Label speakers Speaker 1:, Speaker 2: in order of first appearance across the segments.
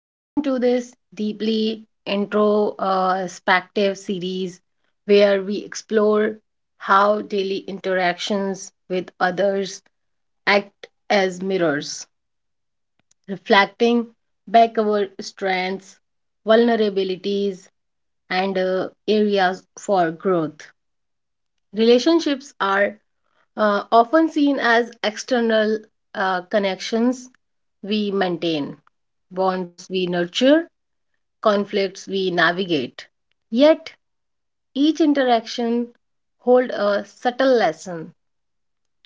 Speaker 1: Welcome to this deeply introspective series where we explore how daily interactions with others act as mirrors, reflecting back our strengths, vulnerabilities, and areas for growth. Relationships are often seen as external connections we maintain, bonds we nurture conflicts we navigate. Yet each interaction holds a subtle lesson.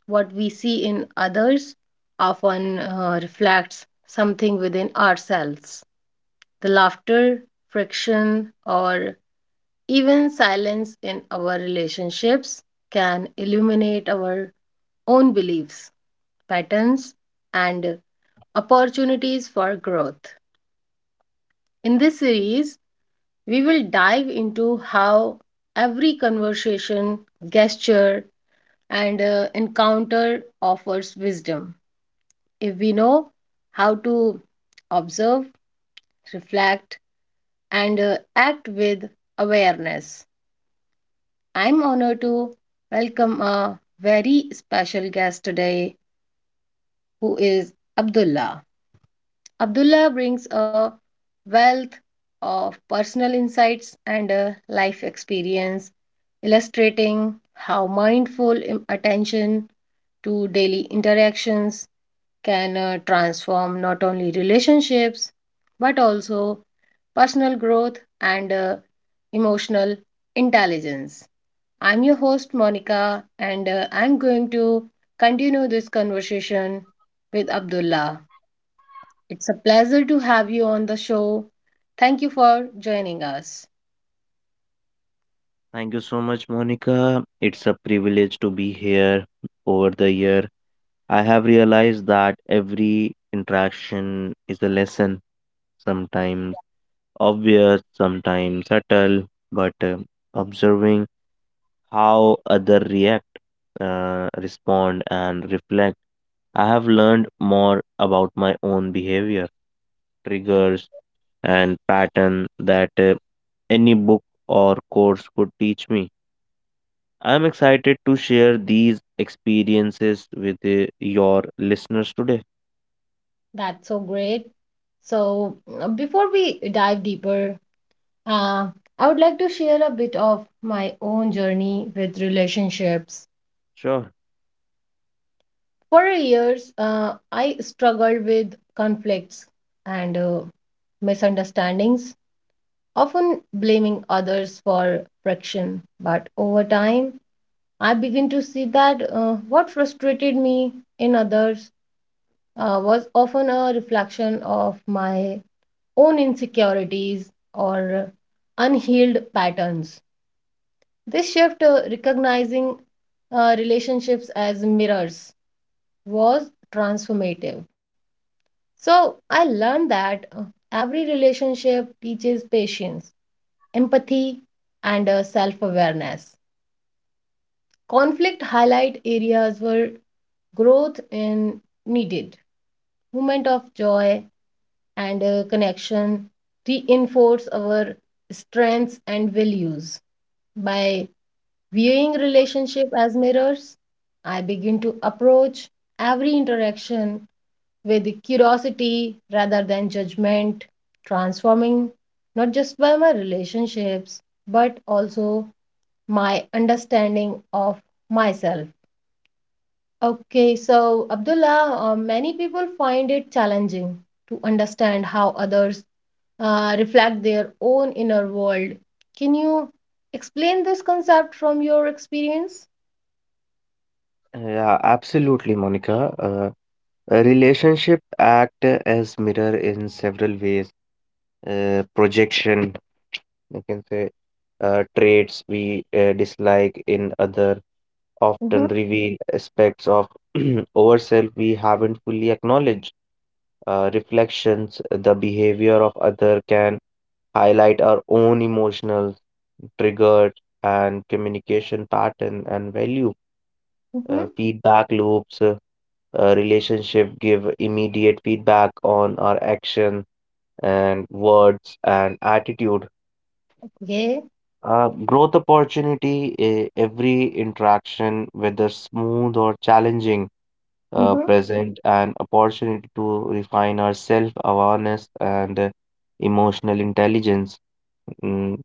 Speaker 1: What we see in others often reflects something within ourselves. The laughter, friction, or even silence in our relationships can illuminate our own beliefs, patterns, and opportunities for growth. In this series, we will dive into how every conversation, gesture, and encounter offers wisdom if we know how to observe, reflect, and act with awareness. I'm honored to welcome a very special guest today who is Abdullah. Abdullah brings a wealth of personal insights and life experience, illustrating how mindful attention to daily interactions can transform not only relationships but also personal growth and emotional intelligence. I'm your host, Monica, and I'm going to continue this conversation with Abdullah. It's a pleasure to have you on the show. Thank you for joining us.
Speaker 2: Thank you so much, Monica. It's a privilege to be here over the year. I have realized that every interaction is a lesson, sometimes obvious, sometimes subtle, but observing how other react, respond, and reflect, I have learned more about my own behavior,
Speaker 1: Uh,
Speaker 2: triggers, and pattern that any book or course could teach me. I'm excited to share these experiences with your listeners today.
Speaker 1: That's so great. So, before we dive deeper, uh, I would like to share a bit of my own journey with relationships.
Speaker 2: Sure.
Speaker 1: For years, I struggled with conflicts and misunderstandings, often blaming others for friction. But over time, I began to see that what frustrated me in others was often a reflection of my own insecurities or unhealed patterns. This shift, recognizing relationships as mirrors, was transformative. So I learned that every relationship teaches patience, empathy, and self-awareness. Conflict highlight areas where growth in needed, moment of joy, and connection reinforce our strengths and values. By viewing relationship as mirrors, I begin to approach every interaction with curiosity rather than judgment, transforming not just by my relationships but also my understanding of myself. Okay, so Abdullah, many people find it challenging to understand how others reflect their own inner world. Can you explain this concept from your experience?
Speaker 2: Yeah, absolutely, Monica. A relationship act as mirror in several ways. Projection, you can say, traits we dislike in other
Speaker 1: Mm-hmm.
Speaker 2: often reveal aspects of ourselves we haven't fully acknowledged. Reflections, the behavior of other can highlight our own emotional triggers and communication pattern and value
Speaker 1: Mm-hmm.
Speaker 2: feedback loops, relationship give immediate feedback on our action and words and attitude
Speaker 1: Okay.
Speaker 2: growth opportunity every interaction whether smooth or challenging
Speaker 1: Mm-hmm.
Speaker 2: present an opportunity to refine our self awareness and emotional intelligence. Mm,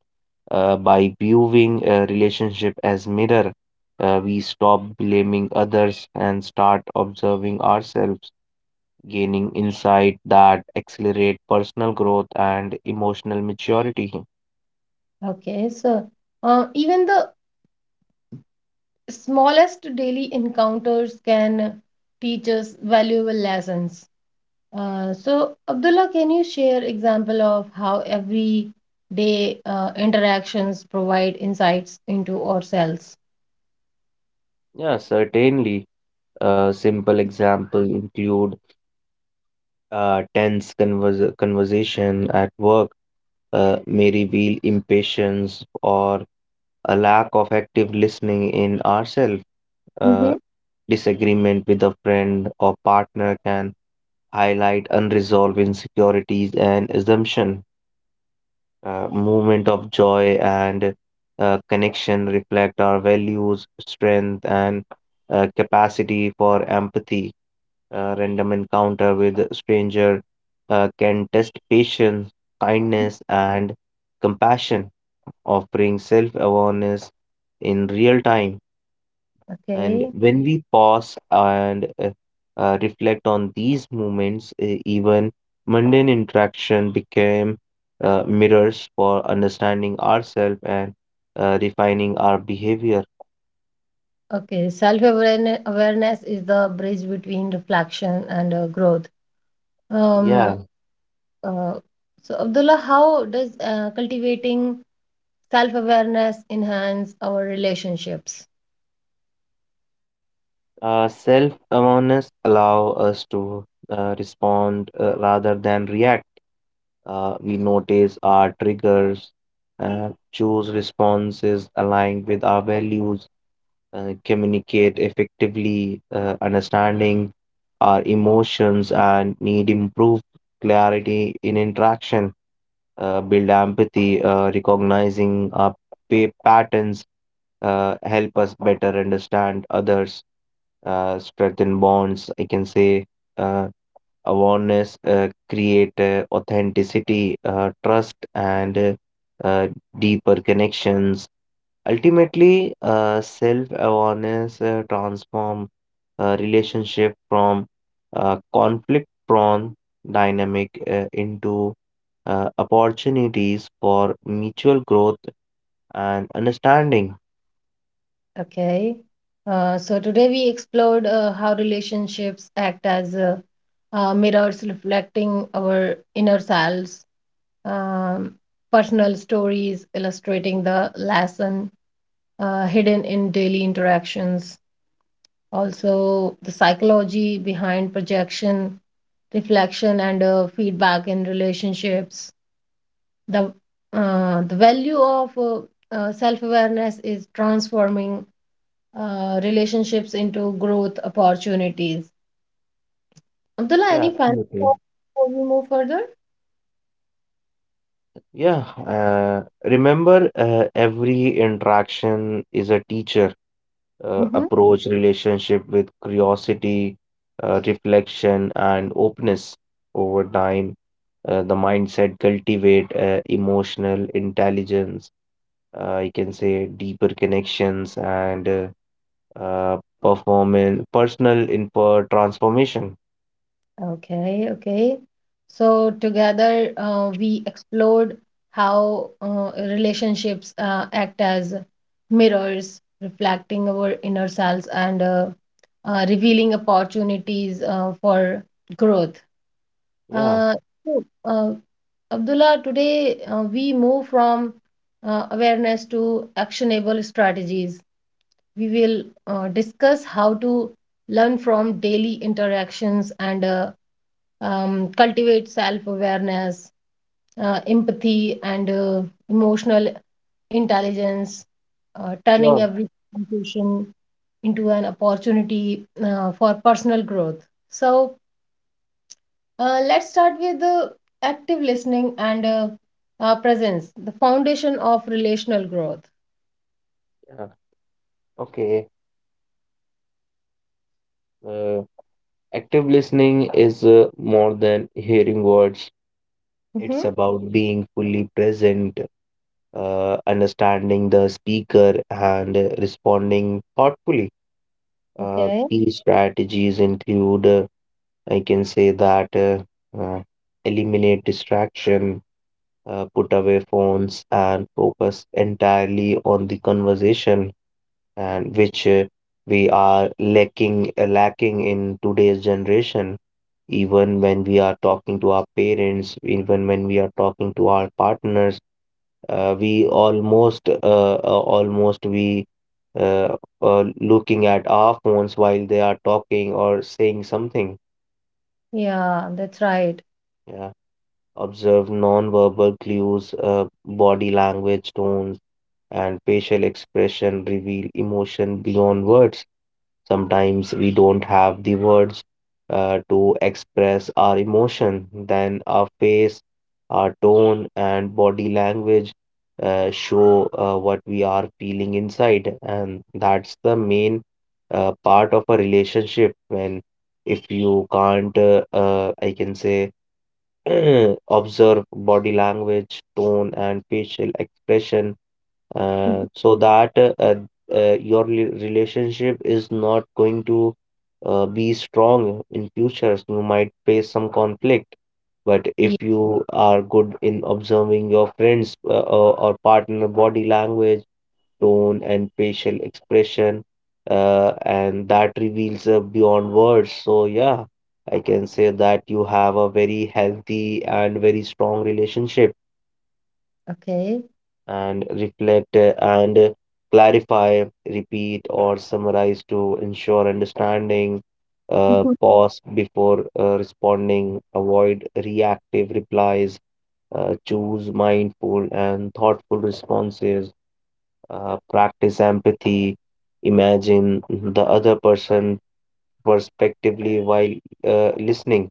Speaker 2: By viewing a relationship as mirror, we stop blaming others and start observing ourselves, gaining insight that accelerate personal growth and emotional maturity.
Speaker 1: Okay. So, even the smallest daily encounters can teach us valuable lessons. So, Abdullah, can you share example of how every day interactions provide insights into ourselves?
Speaker 2: Yeah, certainly. A simple example include tense conversation at work may reveal impatience or a lack of active listening in ourselves. Uh,
Speaker 1: Mm-hmm.
Speaker 2: Disagreement with a friend or partner can highlight unresolved insecurities and assumption. Moment of joy and connection reflect our values, strength, and capacity for empathy. Random encounter with a stranger can test patience, kindness, and compassion, offering self-awareness in real time. And
Speaker 1: Okay.
Speaker 2: when we pause and reflect on these moments, even mundane interaction became mirrors for understanding ourselves and refining our behavior.
Speaker 1: Okay, self awareness is the bridge between reflection and growth.
Speaker 2: Yeah,
Speaker 1: Um, uh, so, Abdullah, how does cultivating self awareness enhance our relationships?
Speaker 2: uh, self-awareness allow us to respond rather than react. We notice our triggers, choose responses aligned with our values communicate effectively, understanding our emotions, and need improved clarity in interaction, build empathy, recognizing our patterns, help us better understand others, strengthen bonds. I can say uh, awareness, create authenticity, trust, and uh, deeper connections. Ultimately, self-awareness transform relationship from conflict-prone dynamic into opportunities for mutual growth and understanding.
Speaker 1: Okay, so today we explored how relationships act as mirrors reflecting our inner selves, um, personal stories illustrating the lesson hidden in daily interactions, also the psychology behind projection reflection and feedback in relationships, the value of self-awareness is transforming relationships into growth opportunities. Abdullah,
Speaker 2: Yeah,
Speaker 1: any final
Speaker 2: absolutely.
Speaker 1: thoughts before we move further?
Speaker 2: Yeah. Remember, every interaction is a teacher.
Speaker 1: Mhm.
Speaker 2: Approach relationship with curiosity, reflection, and openness over time the mindset cultivate emotional intelligence I can say deeper connections and performance personal info transformation.
Speaker 1: Okay, okay. So together we explored how relationships act as mirrors, reflecting our inner selves and revealing opportunities for growth.
Speaker 2: Yeah.
Speaker 1: Uh, so, Abdullah, today we move from awareness to actionable strategies. We will discuss how to learn from daily interactions and cultivate self awareness, empathy, and emotional intelligence, turning
Speaker 2: Sure.
Speaker 1: every situation into an opportunity for personal growth. So, let's start with the active listening and presence, the foundation of relational growth.
Speaker 2: Yeah. Okay uh, active listening is more than hearing words. It's
Speaker 1: Hmm.
Speaker 2: about being fully present, understanding the speaker and responding thoughtfully.
Speaker 1: Okay.
Speaker 2: Key strategies include I can say that uh, eliminate distraction, put away phones, and focus entirely on the conversation, and which we are lacking in today's generation. Even when we are talking to our parents, even when we are talking to our partners, we almost almost we uh, looking at our phones while they are talking or saying something.
Speaker 1: Yeah, that's right.
Speaker 2: Yeah. Observe non-verbal clues, body language, tones, and facial expression reveal emotion beyond words. Sometimes we don't have the words to express our emotion. Then our face, our tone, and body language show what we are feeling inside, and that's the main part of a relationship. When if you can't, I can say, observe body language, tone, and facial expression
Speaker 1: Mhm.
Speaker 2: so that your relationship is not going to be strong in futures. You might face some conflict, but
Speaker 1: Yeah.
Speaker 2: if you are good in observing your friends or partner body language, tone, and facial expression, and that reveals beyond words. So, yeah, I can say that you have a very healthy and very strong relationship,
Speaker 1: Okay.
Speaker 2: and reflect and clarify, repeat, or summarize to ensure understanding.
Speaker 1: Mhm.
Speaker 2: Pause before responding, avoid reactive replies, choose mindful and thoughtful responses. Practice empathy, imagine the other person perspectively while listening.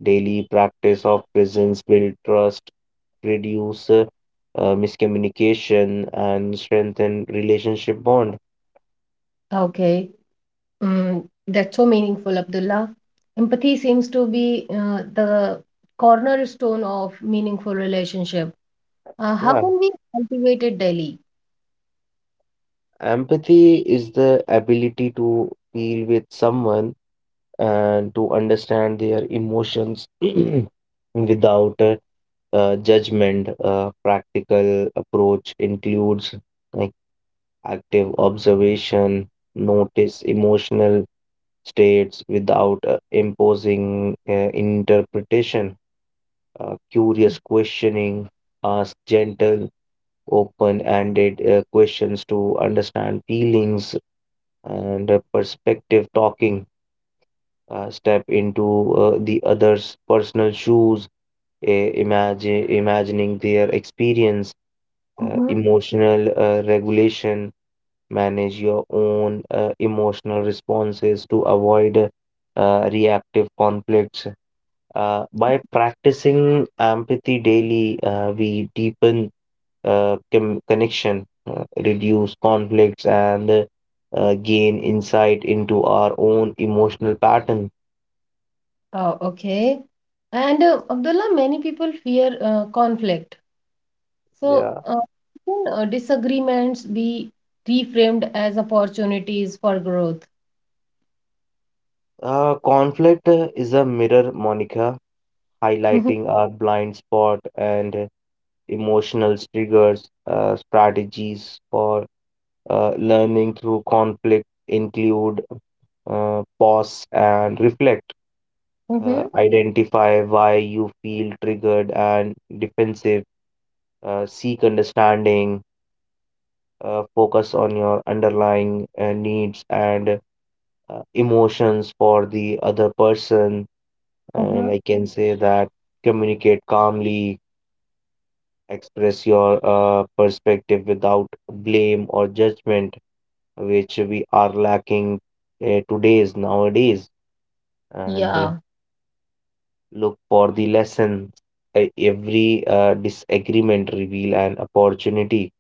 Speaker 2: Daily practice of presence build trust, reduce miscommunication, and strengthen relationship bond.
Speaker 1: Okay. Mm, that's so meaningful, Abdullah. Empathy seems to be the cornerstone of meaningful relationship. How
Speaker 2: Yeah,
Speaker 1: can we cultivate it daily?
Speaker 2: empathy is the ability to feel with someone and to understand their emotions without judgment. Practical approach includes uh, active observation, notice emotional states without imposing interpretation, curious questioning, ask gentle, open ended questions to understand feelings and perspective talking. Step into the other's personal shoes, imagine imagining their experience,
Speaker 1: Hmm.
Speaker 2: emotional regulation, manage your own emotional responses to avoid reactive conflicts. By practicing empathy daily, we deepen connection, reduce conflicts, and gain insight into our own emotional pattern.
Speaker 1: Oh, okay. And Abdullah, many people fear conflict. So,
Speaker 2: Yeah.
Speaker 1: uh, can uh, disagreements be reframed as opportunities for growth?
Speaker 2: Conflict is a mirror, Monica,
Speaker 1: Hmm.
Speaker 2: highlighting our blind spot and emotional triggers. Strategies for learning through conflict include pause and reflect.
Speaker 1: Hmm.
Speaker 2: Identify why you feel triggered and defensive. Seek understanding. Focus on your underlying needs and emotions for the other person. And
Speaker 1: Uh-huh.
Speaker 2: I can say that communicate calmly, express your perspective without blame or judgment which we are lacking today's nowadays and
Speaker 1: Yeah.
Speaker 2: look for the lessons. Every disagreement reveal an opportunity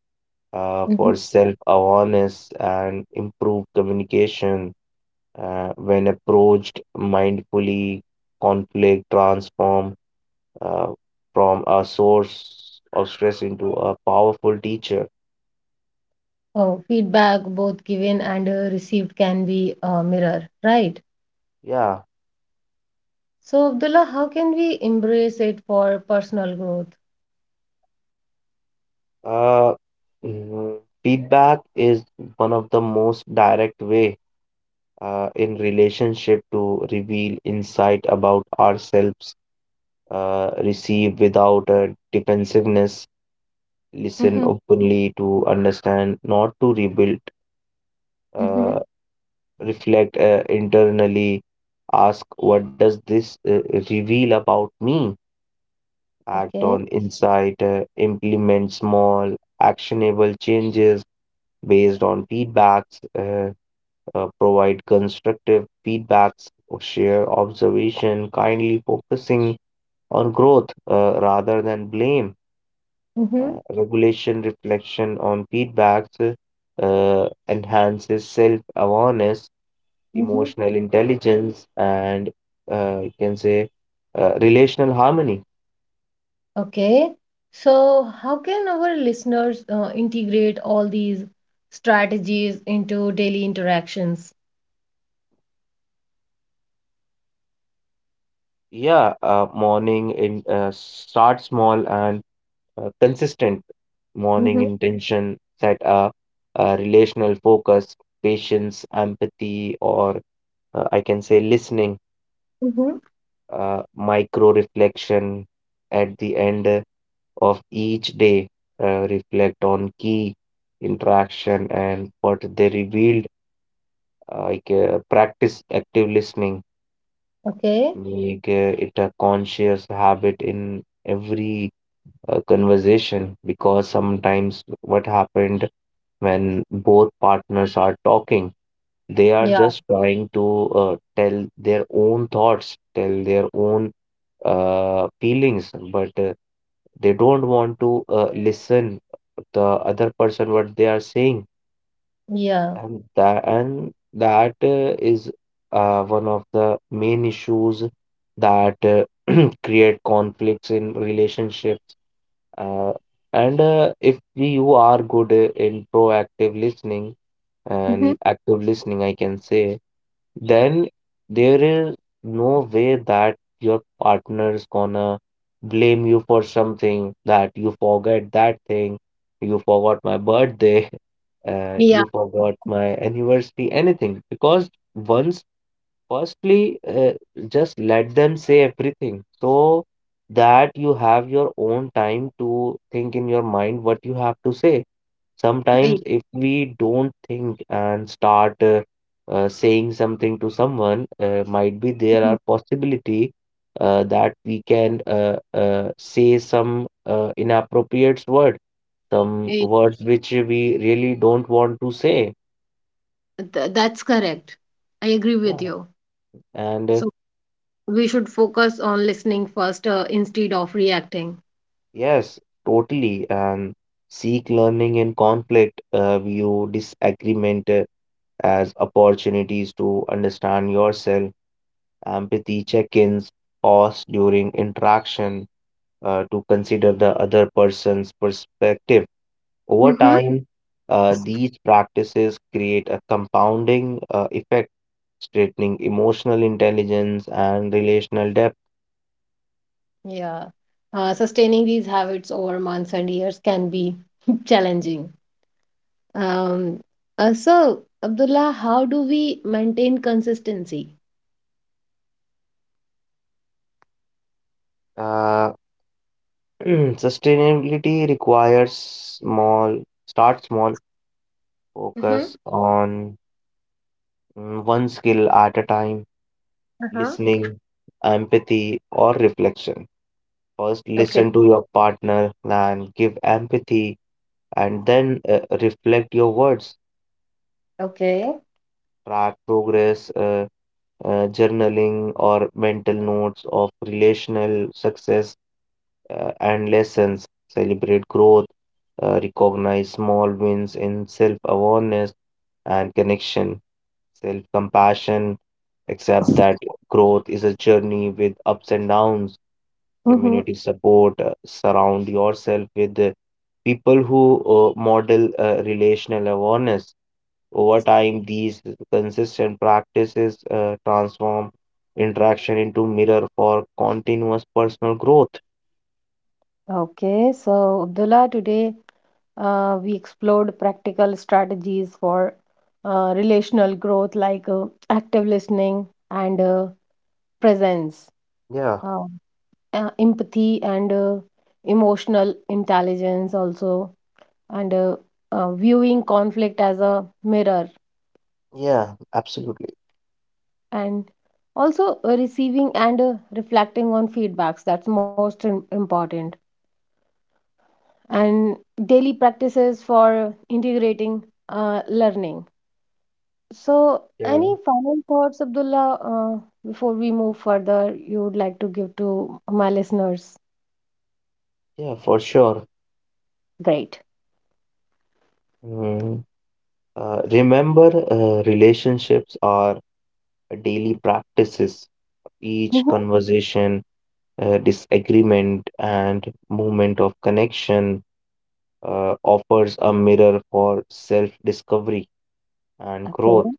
Speaker 2: for
Speaker 1: Hmm.
Speaker 2: self-awareness and improved communication. When approached mindfully conflict transform uh, from a source of stress into a powerful teacher.
Speaker 1: Oh, feedback, both given and received, can be a mirror, right?
Speaker 2: Yeah.
Speaker 1: So, Abdullah, how can we embrace it for personal growth?
Speaker 2: Uh, mm, Feedback is one of the most direct way in relationship to reveal insight about ourselves, receive without defensiveness, listen
Speaker 1: Mm-hmm.
Speaker 2: openly to understand, not to rebuild, uh,
Speaker 1: Mm-hmm.
Speaker 2: reflect internally, ask what does this reveal about me? Act
Speaker 1: Okay.
Speaker 2: on insight, implement small actionable changes based on feedbacks. Provide constructive feedbacks, or share observation, kindly focusing on growth rather than blame.
Speaker 1: Mm-hmm.
Speaker 2: Regulation reflection on feedbacks enhances self awareness,
Speaker 1: Mm-hmm.
Speaker 2: emotional intelligence, and you can say relational harmony.
Speaker 1: Okay. So, how can our listeners integrate all these strategies into daily interactions?
Speaker 2: Yeah, morning in start small and consistent morning
Speaker 1: Mm-hmm.
Speaker 2: intention set a relational focus, patience, empathy, or I can say listening.
Speaker 1: Mm-hmm.
Speaker 2: Micro reflection at the end of each day, reflect on key interaction and what they revealed, like practice active listening,
Speaker 1: Okay.
Speaker 2: make it a conscious habit in every conversation, because sometimes what happened when both partners are talking, they are
Speaker 1: Yeah.
Speaker 2: just trying to tell their own thoughts, tell their own feelings, but they don't want to listen the other person what they are saying,
Speaker 1: Yeah.
Speaker 2: and that is one of the main issues that create conflicts in relationships. Uh, and if you are good in proactive listening
Speaker 1: Mm-hmm.
Speaker 2: and active listening, I can say, then there is no way that your partner is gonna blame you for something that you forget that thing, you forgot my birthday,
Speaker 1: Yeah,
Speaker 2: you forgot my anniversary, anything. Because once, firstly, just let them say everything so that you have your own time to think in your mind what you have to say.
Speaker 1: right.
Speaker 2: Sometimes, if we don't think and start saying something to someone, might be
Speaker 1: Mhm.
Speaker 2: there are possibility that we can say some inappropriate word, some
Speaker 1: Eh,
Speaker 2: words which we really don't want to say.
Speaker 1: that's correct. I agree with
Speaker 2: Yeah.
Speaker 1: you.
Speaker 2: And
Speaker 1: So we should focus on listening first instead of reacting.
Speaker 2: yes, totally. And seek learning in conflict, view disagreement as opportunities to understand yourself. Empathy check-ins, pause during interaction to consider the other person's perspective. Over time, these practices create a compounding effect, strengthening emotional intelligence and relational depth.
Speaker 1: Yeah. Sustaining these habits over months and years can be challenging. Um, so, Abdullah, how do we maintain consistency?
Speaker 2: Uh, sustainability requires small, start small,
Speaker 1: Mm-hmm.
Speaker 2: focus on one skill at a time,
Speaker 1: Uh-huh.
Speaker 2: listening, empathy, or reflection. First,
Speaker 1: Okay.
Speaker 2: listen to your partner and give empathy, and then reflect your words.
Speaker 1: Okay.
Speaker 2: Track progress, journaling, or mental notes of relational success and lessons. Celebrate growth, recognize small wins in self awareness and connection, self compassion. Accept that growth is a journey with ups and downs.
Speaker 1: Mm-hmm.
Speaker 2: Community support, surround yourself with people who model relational awareness. Over time, these consistent practices transform interaction into mirror for continuous personal growth.
Speaker 1: Okay, so Abdullah, today we explored practical strategies for relational growth like active listening and presence,
Speaker 2: Yeah,
Speaker 1: uh, empathy, and emotional intelligence, also and viewing conflict as a mirror,
Speaker 2: yeah, absolutely.
Speaker 1: and also receiving and reflecting on feedbacks, that's most important, and daily practices for integrating learning. So any
Speaker 2: Yeah.
Speaker 1: final thoughts, Abdullah, before we move further you would like to give to my listeners?
Speaker 2: Yeah, for sure.
Speaker 1: Great.
Speaker 2: Mm. Remember, relationships are daily practices. Each Mm.
Speaker 1: Mhm.
Speaker 2: conversation, disagreement and movement of connection offers a mirror for self-discovery and growth.
Speaker 1: Okay.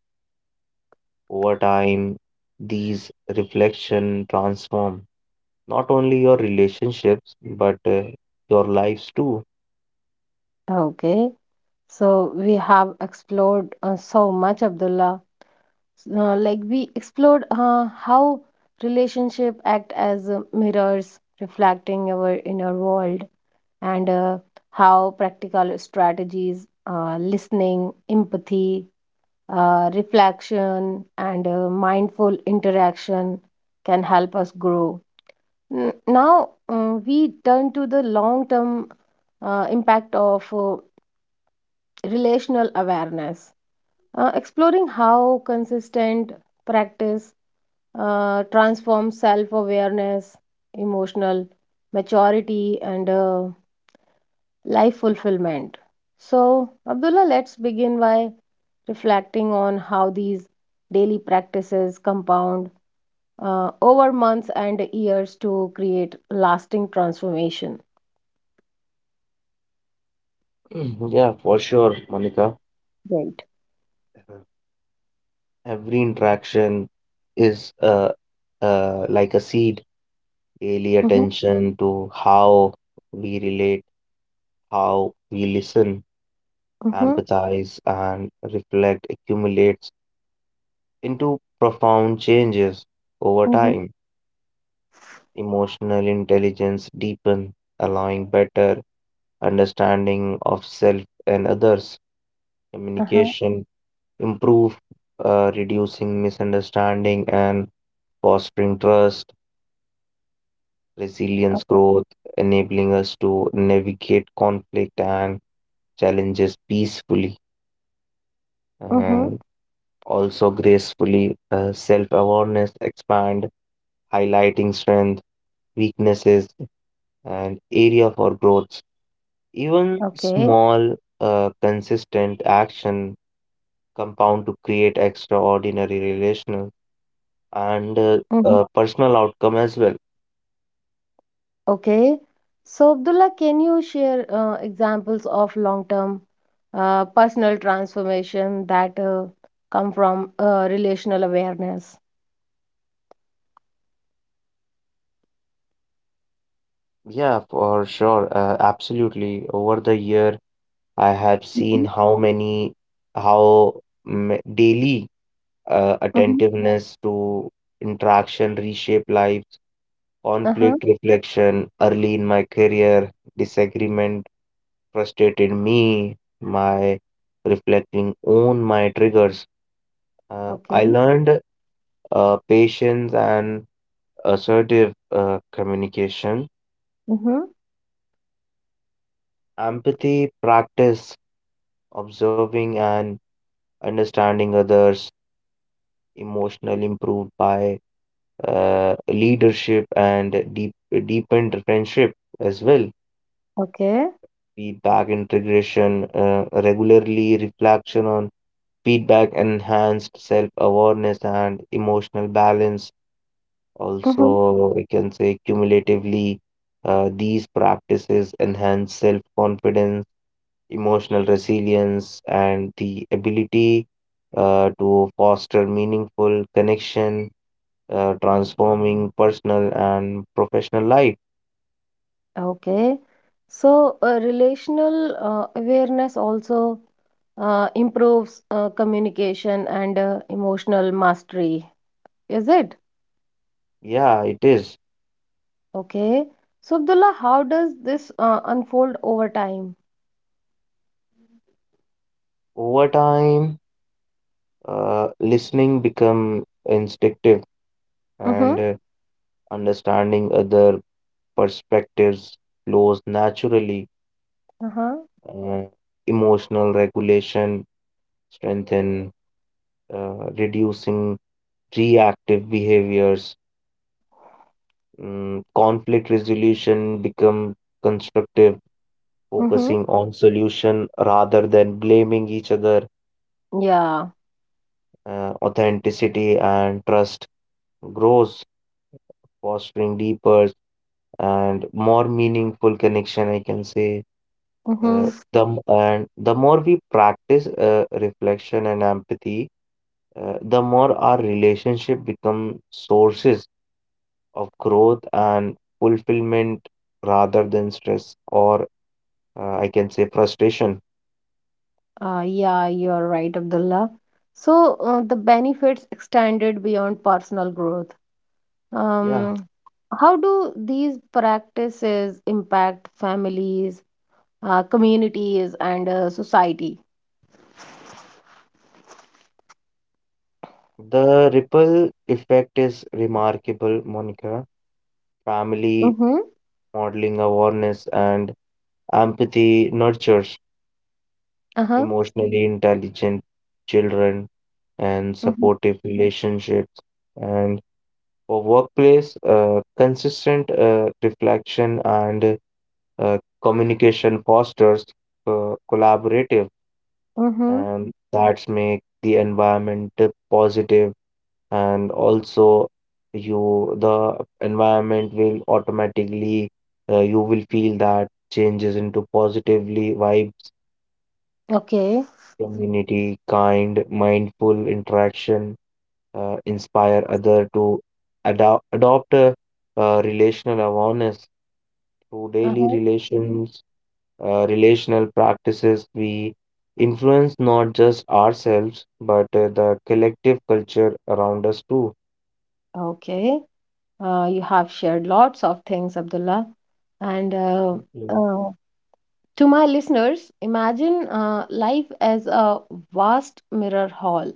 Speaker 2: Over time, these reflection transform not only your relationships but your lives too.
Speaker 1: Okay, so we have explored so much, Abdullah. Like we explored how relationship act as mirrors reflecting our inner world, and how practical strategies, listening, empathy, reflection, and mindful interaction, can help us grow. Now we turn to the long term impact of relational awareness, exploring how consistent practice transforms self awareness, emotional maturity, and life fulfillment. So, Abdullah, let's begin by reflecting on how these daily practices compound over months and years to create lasting transformation.
Speaker 2: Mhm, yeah for sure, Monica,
Speaker 1: Right.
Speaker 2: every interaction is like a seed. Daily
Speaker 1: Mm-hmm.
Speaker 2: attention to how we relate, how we listen,
Speaker 1: Mm-hmm.
Speaker 2: empathize, and reflect accumulates into profound changes over
Speaker 1: Mm-hmm.
Speaker 2: time. Emotional intelligence deepens, allowing better understanding of self and others.
Speaker 1: Uh-huh.
Speaker 2: Communication improve, reducing misunderstanding and fostering trust. Resilience
Speaker 1: Okay.
Speaker 2: growth, enabling us to navigate conflict and challenges peacefully.
Speaker 1: Mm-hmm.
Speaker 2: And also gracefully, self-awareness expand, highlighting strength, weaknesses, and area for growth. Even
Speaker 1: Okay.
Speaker 2: small, consistent action compound to create extraordinary relational and uh,
Speaker 1: Mm-hmm.
Speaker 2: uh, personal outcome as well.
Speaker 1: Okay. So, Abdullah, can you share examples of long-term personal transformation that come from relational awareness?
Speaker 2: Yeah, for sure, absolutely. Over the year, I have seen how many, how m daily
Speaker 1: Mm-hmm.
Speaker 2: attentiveness to interaction reshape lives.
Speaker 1: Uh-huh.
Speaker 2: Conflict reflection early in my career, disagreement frustrated me, my reflecting on my triggers. I
Speaker 1: Okay.
Speaker 2: learned patience and assertive communication,
Speaker 1: Mm-hmm.
Speaker 2: empathy practice, observing and understanding others, emotional improved by leadership and deepened friendship as well.
Speaker 1: Okay.
Speaker 2: Feedback integration, regularly reflection on feedback enhanced self awareness and emotional balance.
Speaker 1: Mm-hmm.
Speaker 2: Also, we can say cumulatively, these practices enhance self-confidence, emotional resilience, and the ability to foster meaningful connection, transforming personal and professional life.
Speaker 1: Okay. So, relational awareness also improves communication and emotional mastery, is it?
Speaker 2: Yeah, it is.
Speaker 1: Okay. So, Abdullah, how does this unfold over time?
Speaker 2: Over time, listening become instinctive and
Speaker 1: Mm-hmm.
Speaker 2: uh, understanding other perspectives flows naturally.
Speaker 1: Uh-huh.
Speaker 2: uh, Emotional regulation, strengthen, reducing reactive behaviors, conflict resolution become constructive,
Speaker 1: Mm-hmm.
Speaker 2: focusing on solution rather than blaming each other,
Speaker 1: Yeah.
Speaker 2: authenticity and trust grows, fostering deeper and more meaningful connection, I can say.
Speaker 1: Mm-hmm.
Speaker 2: Uh, and the more we practice reflection and empathy, the more our relationship become sources of growth and fulfillment rather than stress or I can say frustration.
Speaker 1: Yeah, you're right, Abdullah. So, the benefits extended beyond personal growth.
Speaker 2: Yeah,
Speaker 1: Um, how do these practices impact families, communities, and society?
Speaker 2: the ripple effect is remarkable, Monica.
Speaker 1: Mm-hmm.
Speaker 2: Family modeling awareness and empathy nurtures
Speaker 1: Uh-huh.
Speaker 2: emotionally intelligent children and
Speaker 1: Mm-hmm.
Speaker 2: supportive relationships, and for workplace consistent reflection and communication fosters collaborative,
Speaker 1: Mm-hmm.
Speaker 2: and that's make the environment positive, and also you the environment will automatically you will feel that changes into positively vibes.
Speaker 1: Okay.
Speaker 2: Community kind mindful interaction inspire other to adopt a, relational awareness through daily
Speaker 1: Uh-huh.
Speaker 2: relations, relational practices, we influence not just ourselves, but the collective culture around us too.
Speaker 1: Okay. You have shared lots of things, Abdullah. And
Speaker 2: Okay.
Speaker 1: uh, To my listeners, imagine life as a vast mirror hall.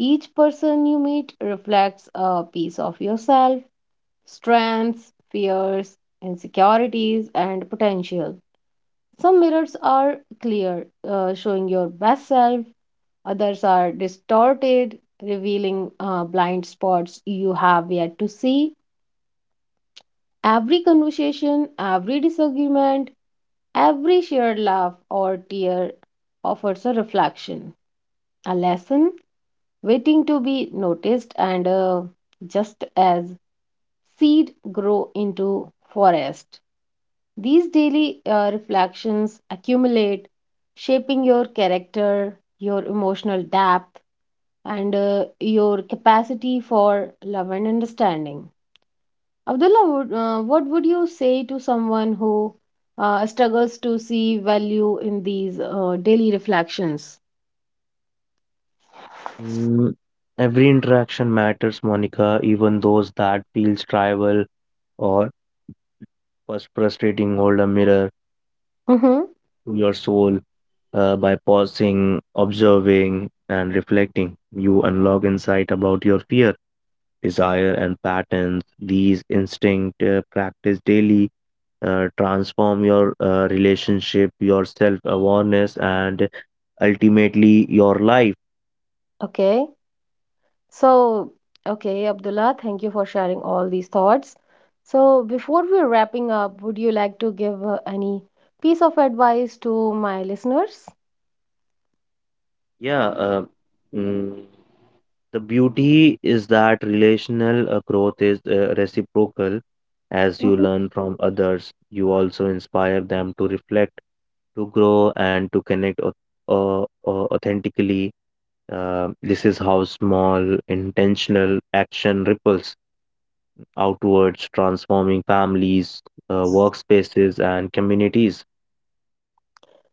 Speaker 1: Each person you meet reflects a piece of yourself, strengths, fears, insecurities, and potential. Some mirrors are clear, showing your best self, others are distorted, revealing blind spots you have yet to see. Every conversation, every disagreement, every shared laugh or tear offers a reflection, a lesson waiting to be noticed, and just as seed grow into forest, these daily reflections accumulate, shaping your character, your emotional depth, and your capacity for love and understanding. Abdullah, what would you say to someone who struggles to see value in these daily reflections?
Speaker 2: Mm, every interaction matters, Monica, even those that feels tribal or frustrating. Hold a mirror
Speaker 1: Mm-hmm.
Speaker 2: to your soul. By pausing, observing, and reflecting, you unlock insight about your fear, desire, and patterns. These instinct practice daily transform your relationship, your self awareness, and ultimately your life.
Speaker 1: Okay. So, okay, Abdullah, thank you for sharing all these thoughts. So, before we're wrapping up, would you like to give any piece of advice to my listeners?
Speaker 2: Yeah. Mm, The beauty is that relational growth is reciprocal. As you
Speaker 1: Mhm.
Speaker 2: learn from others, you also inspire them to reflect, to grow, and to connect uh, authentically. This is how small, intentional action ripples outwards, transforming families, workspaces, and communities.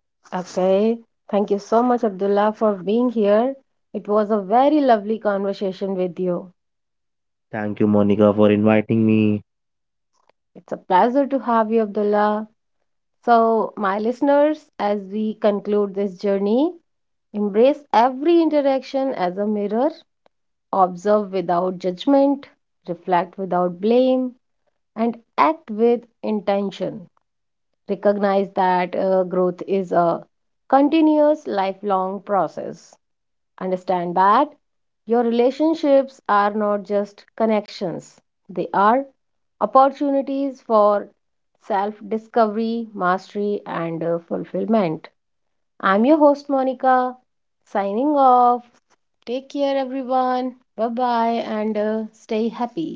Speaker 1: Okay. Thank you so much, Abdullah, for being here. It was a very lovely conversation with you.
Speaker 2: Thank you, Monica, for inviting me.
Speaker 1: It's a pleasure to have you, Abdullah. So, my listeners, as we conclude this journey, embrace every interaction as a mirror, observe without judgment, reflect without blame, and act with intention. Recognize that growth is a continuous lifelong process. Understand that your relationships are not just connections, they are opportunities for self discovery, mastery, and fulfillment. I'm your host, Monica, signing off. Take care, everyone. Bye bye, and stay happy.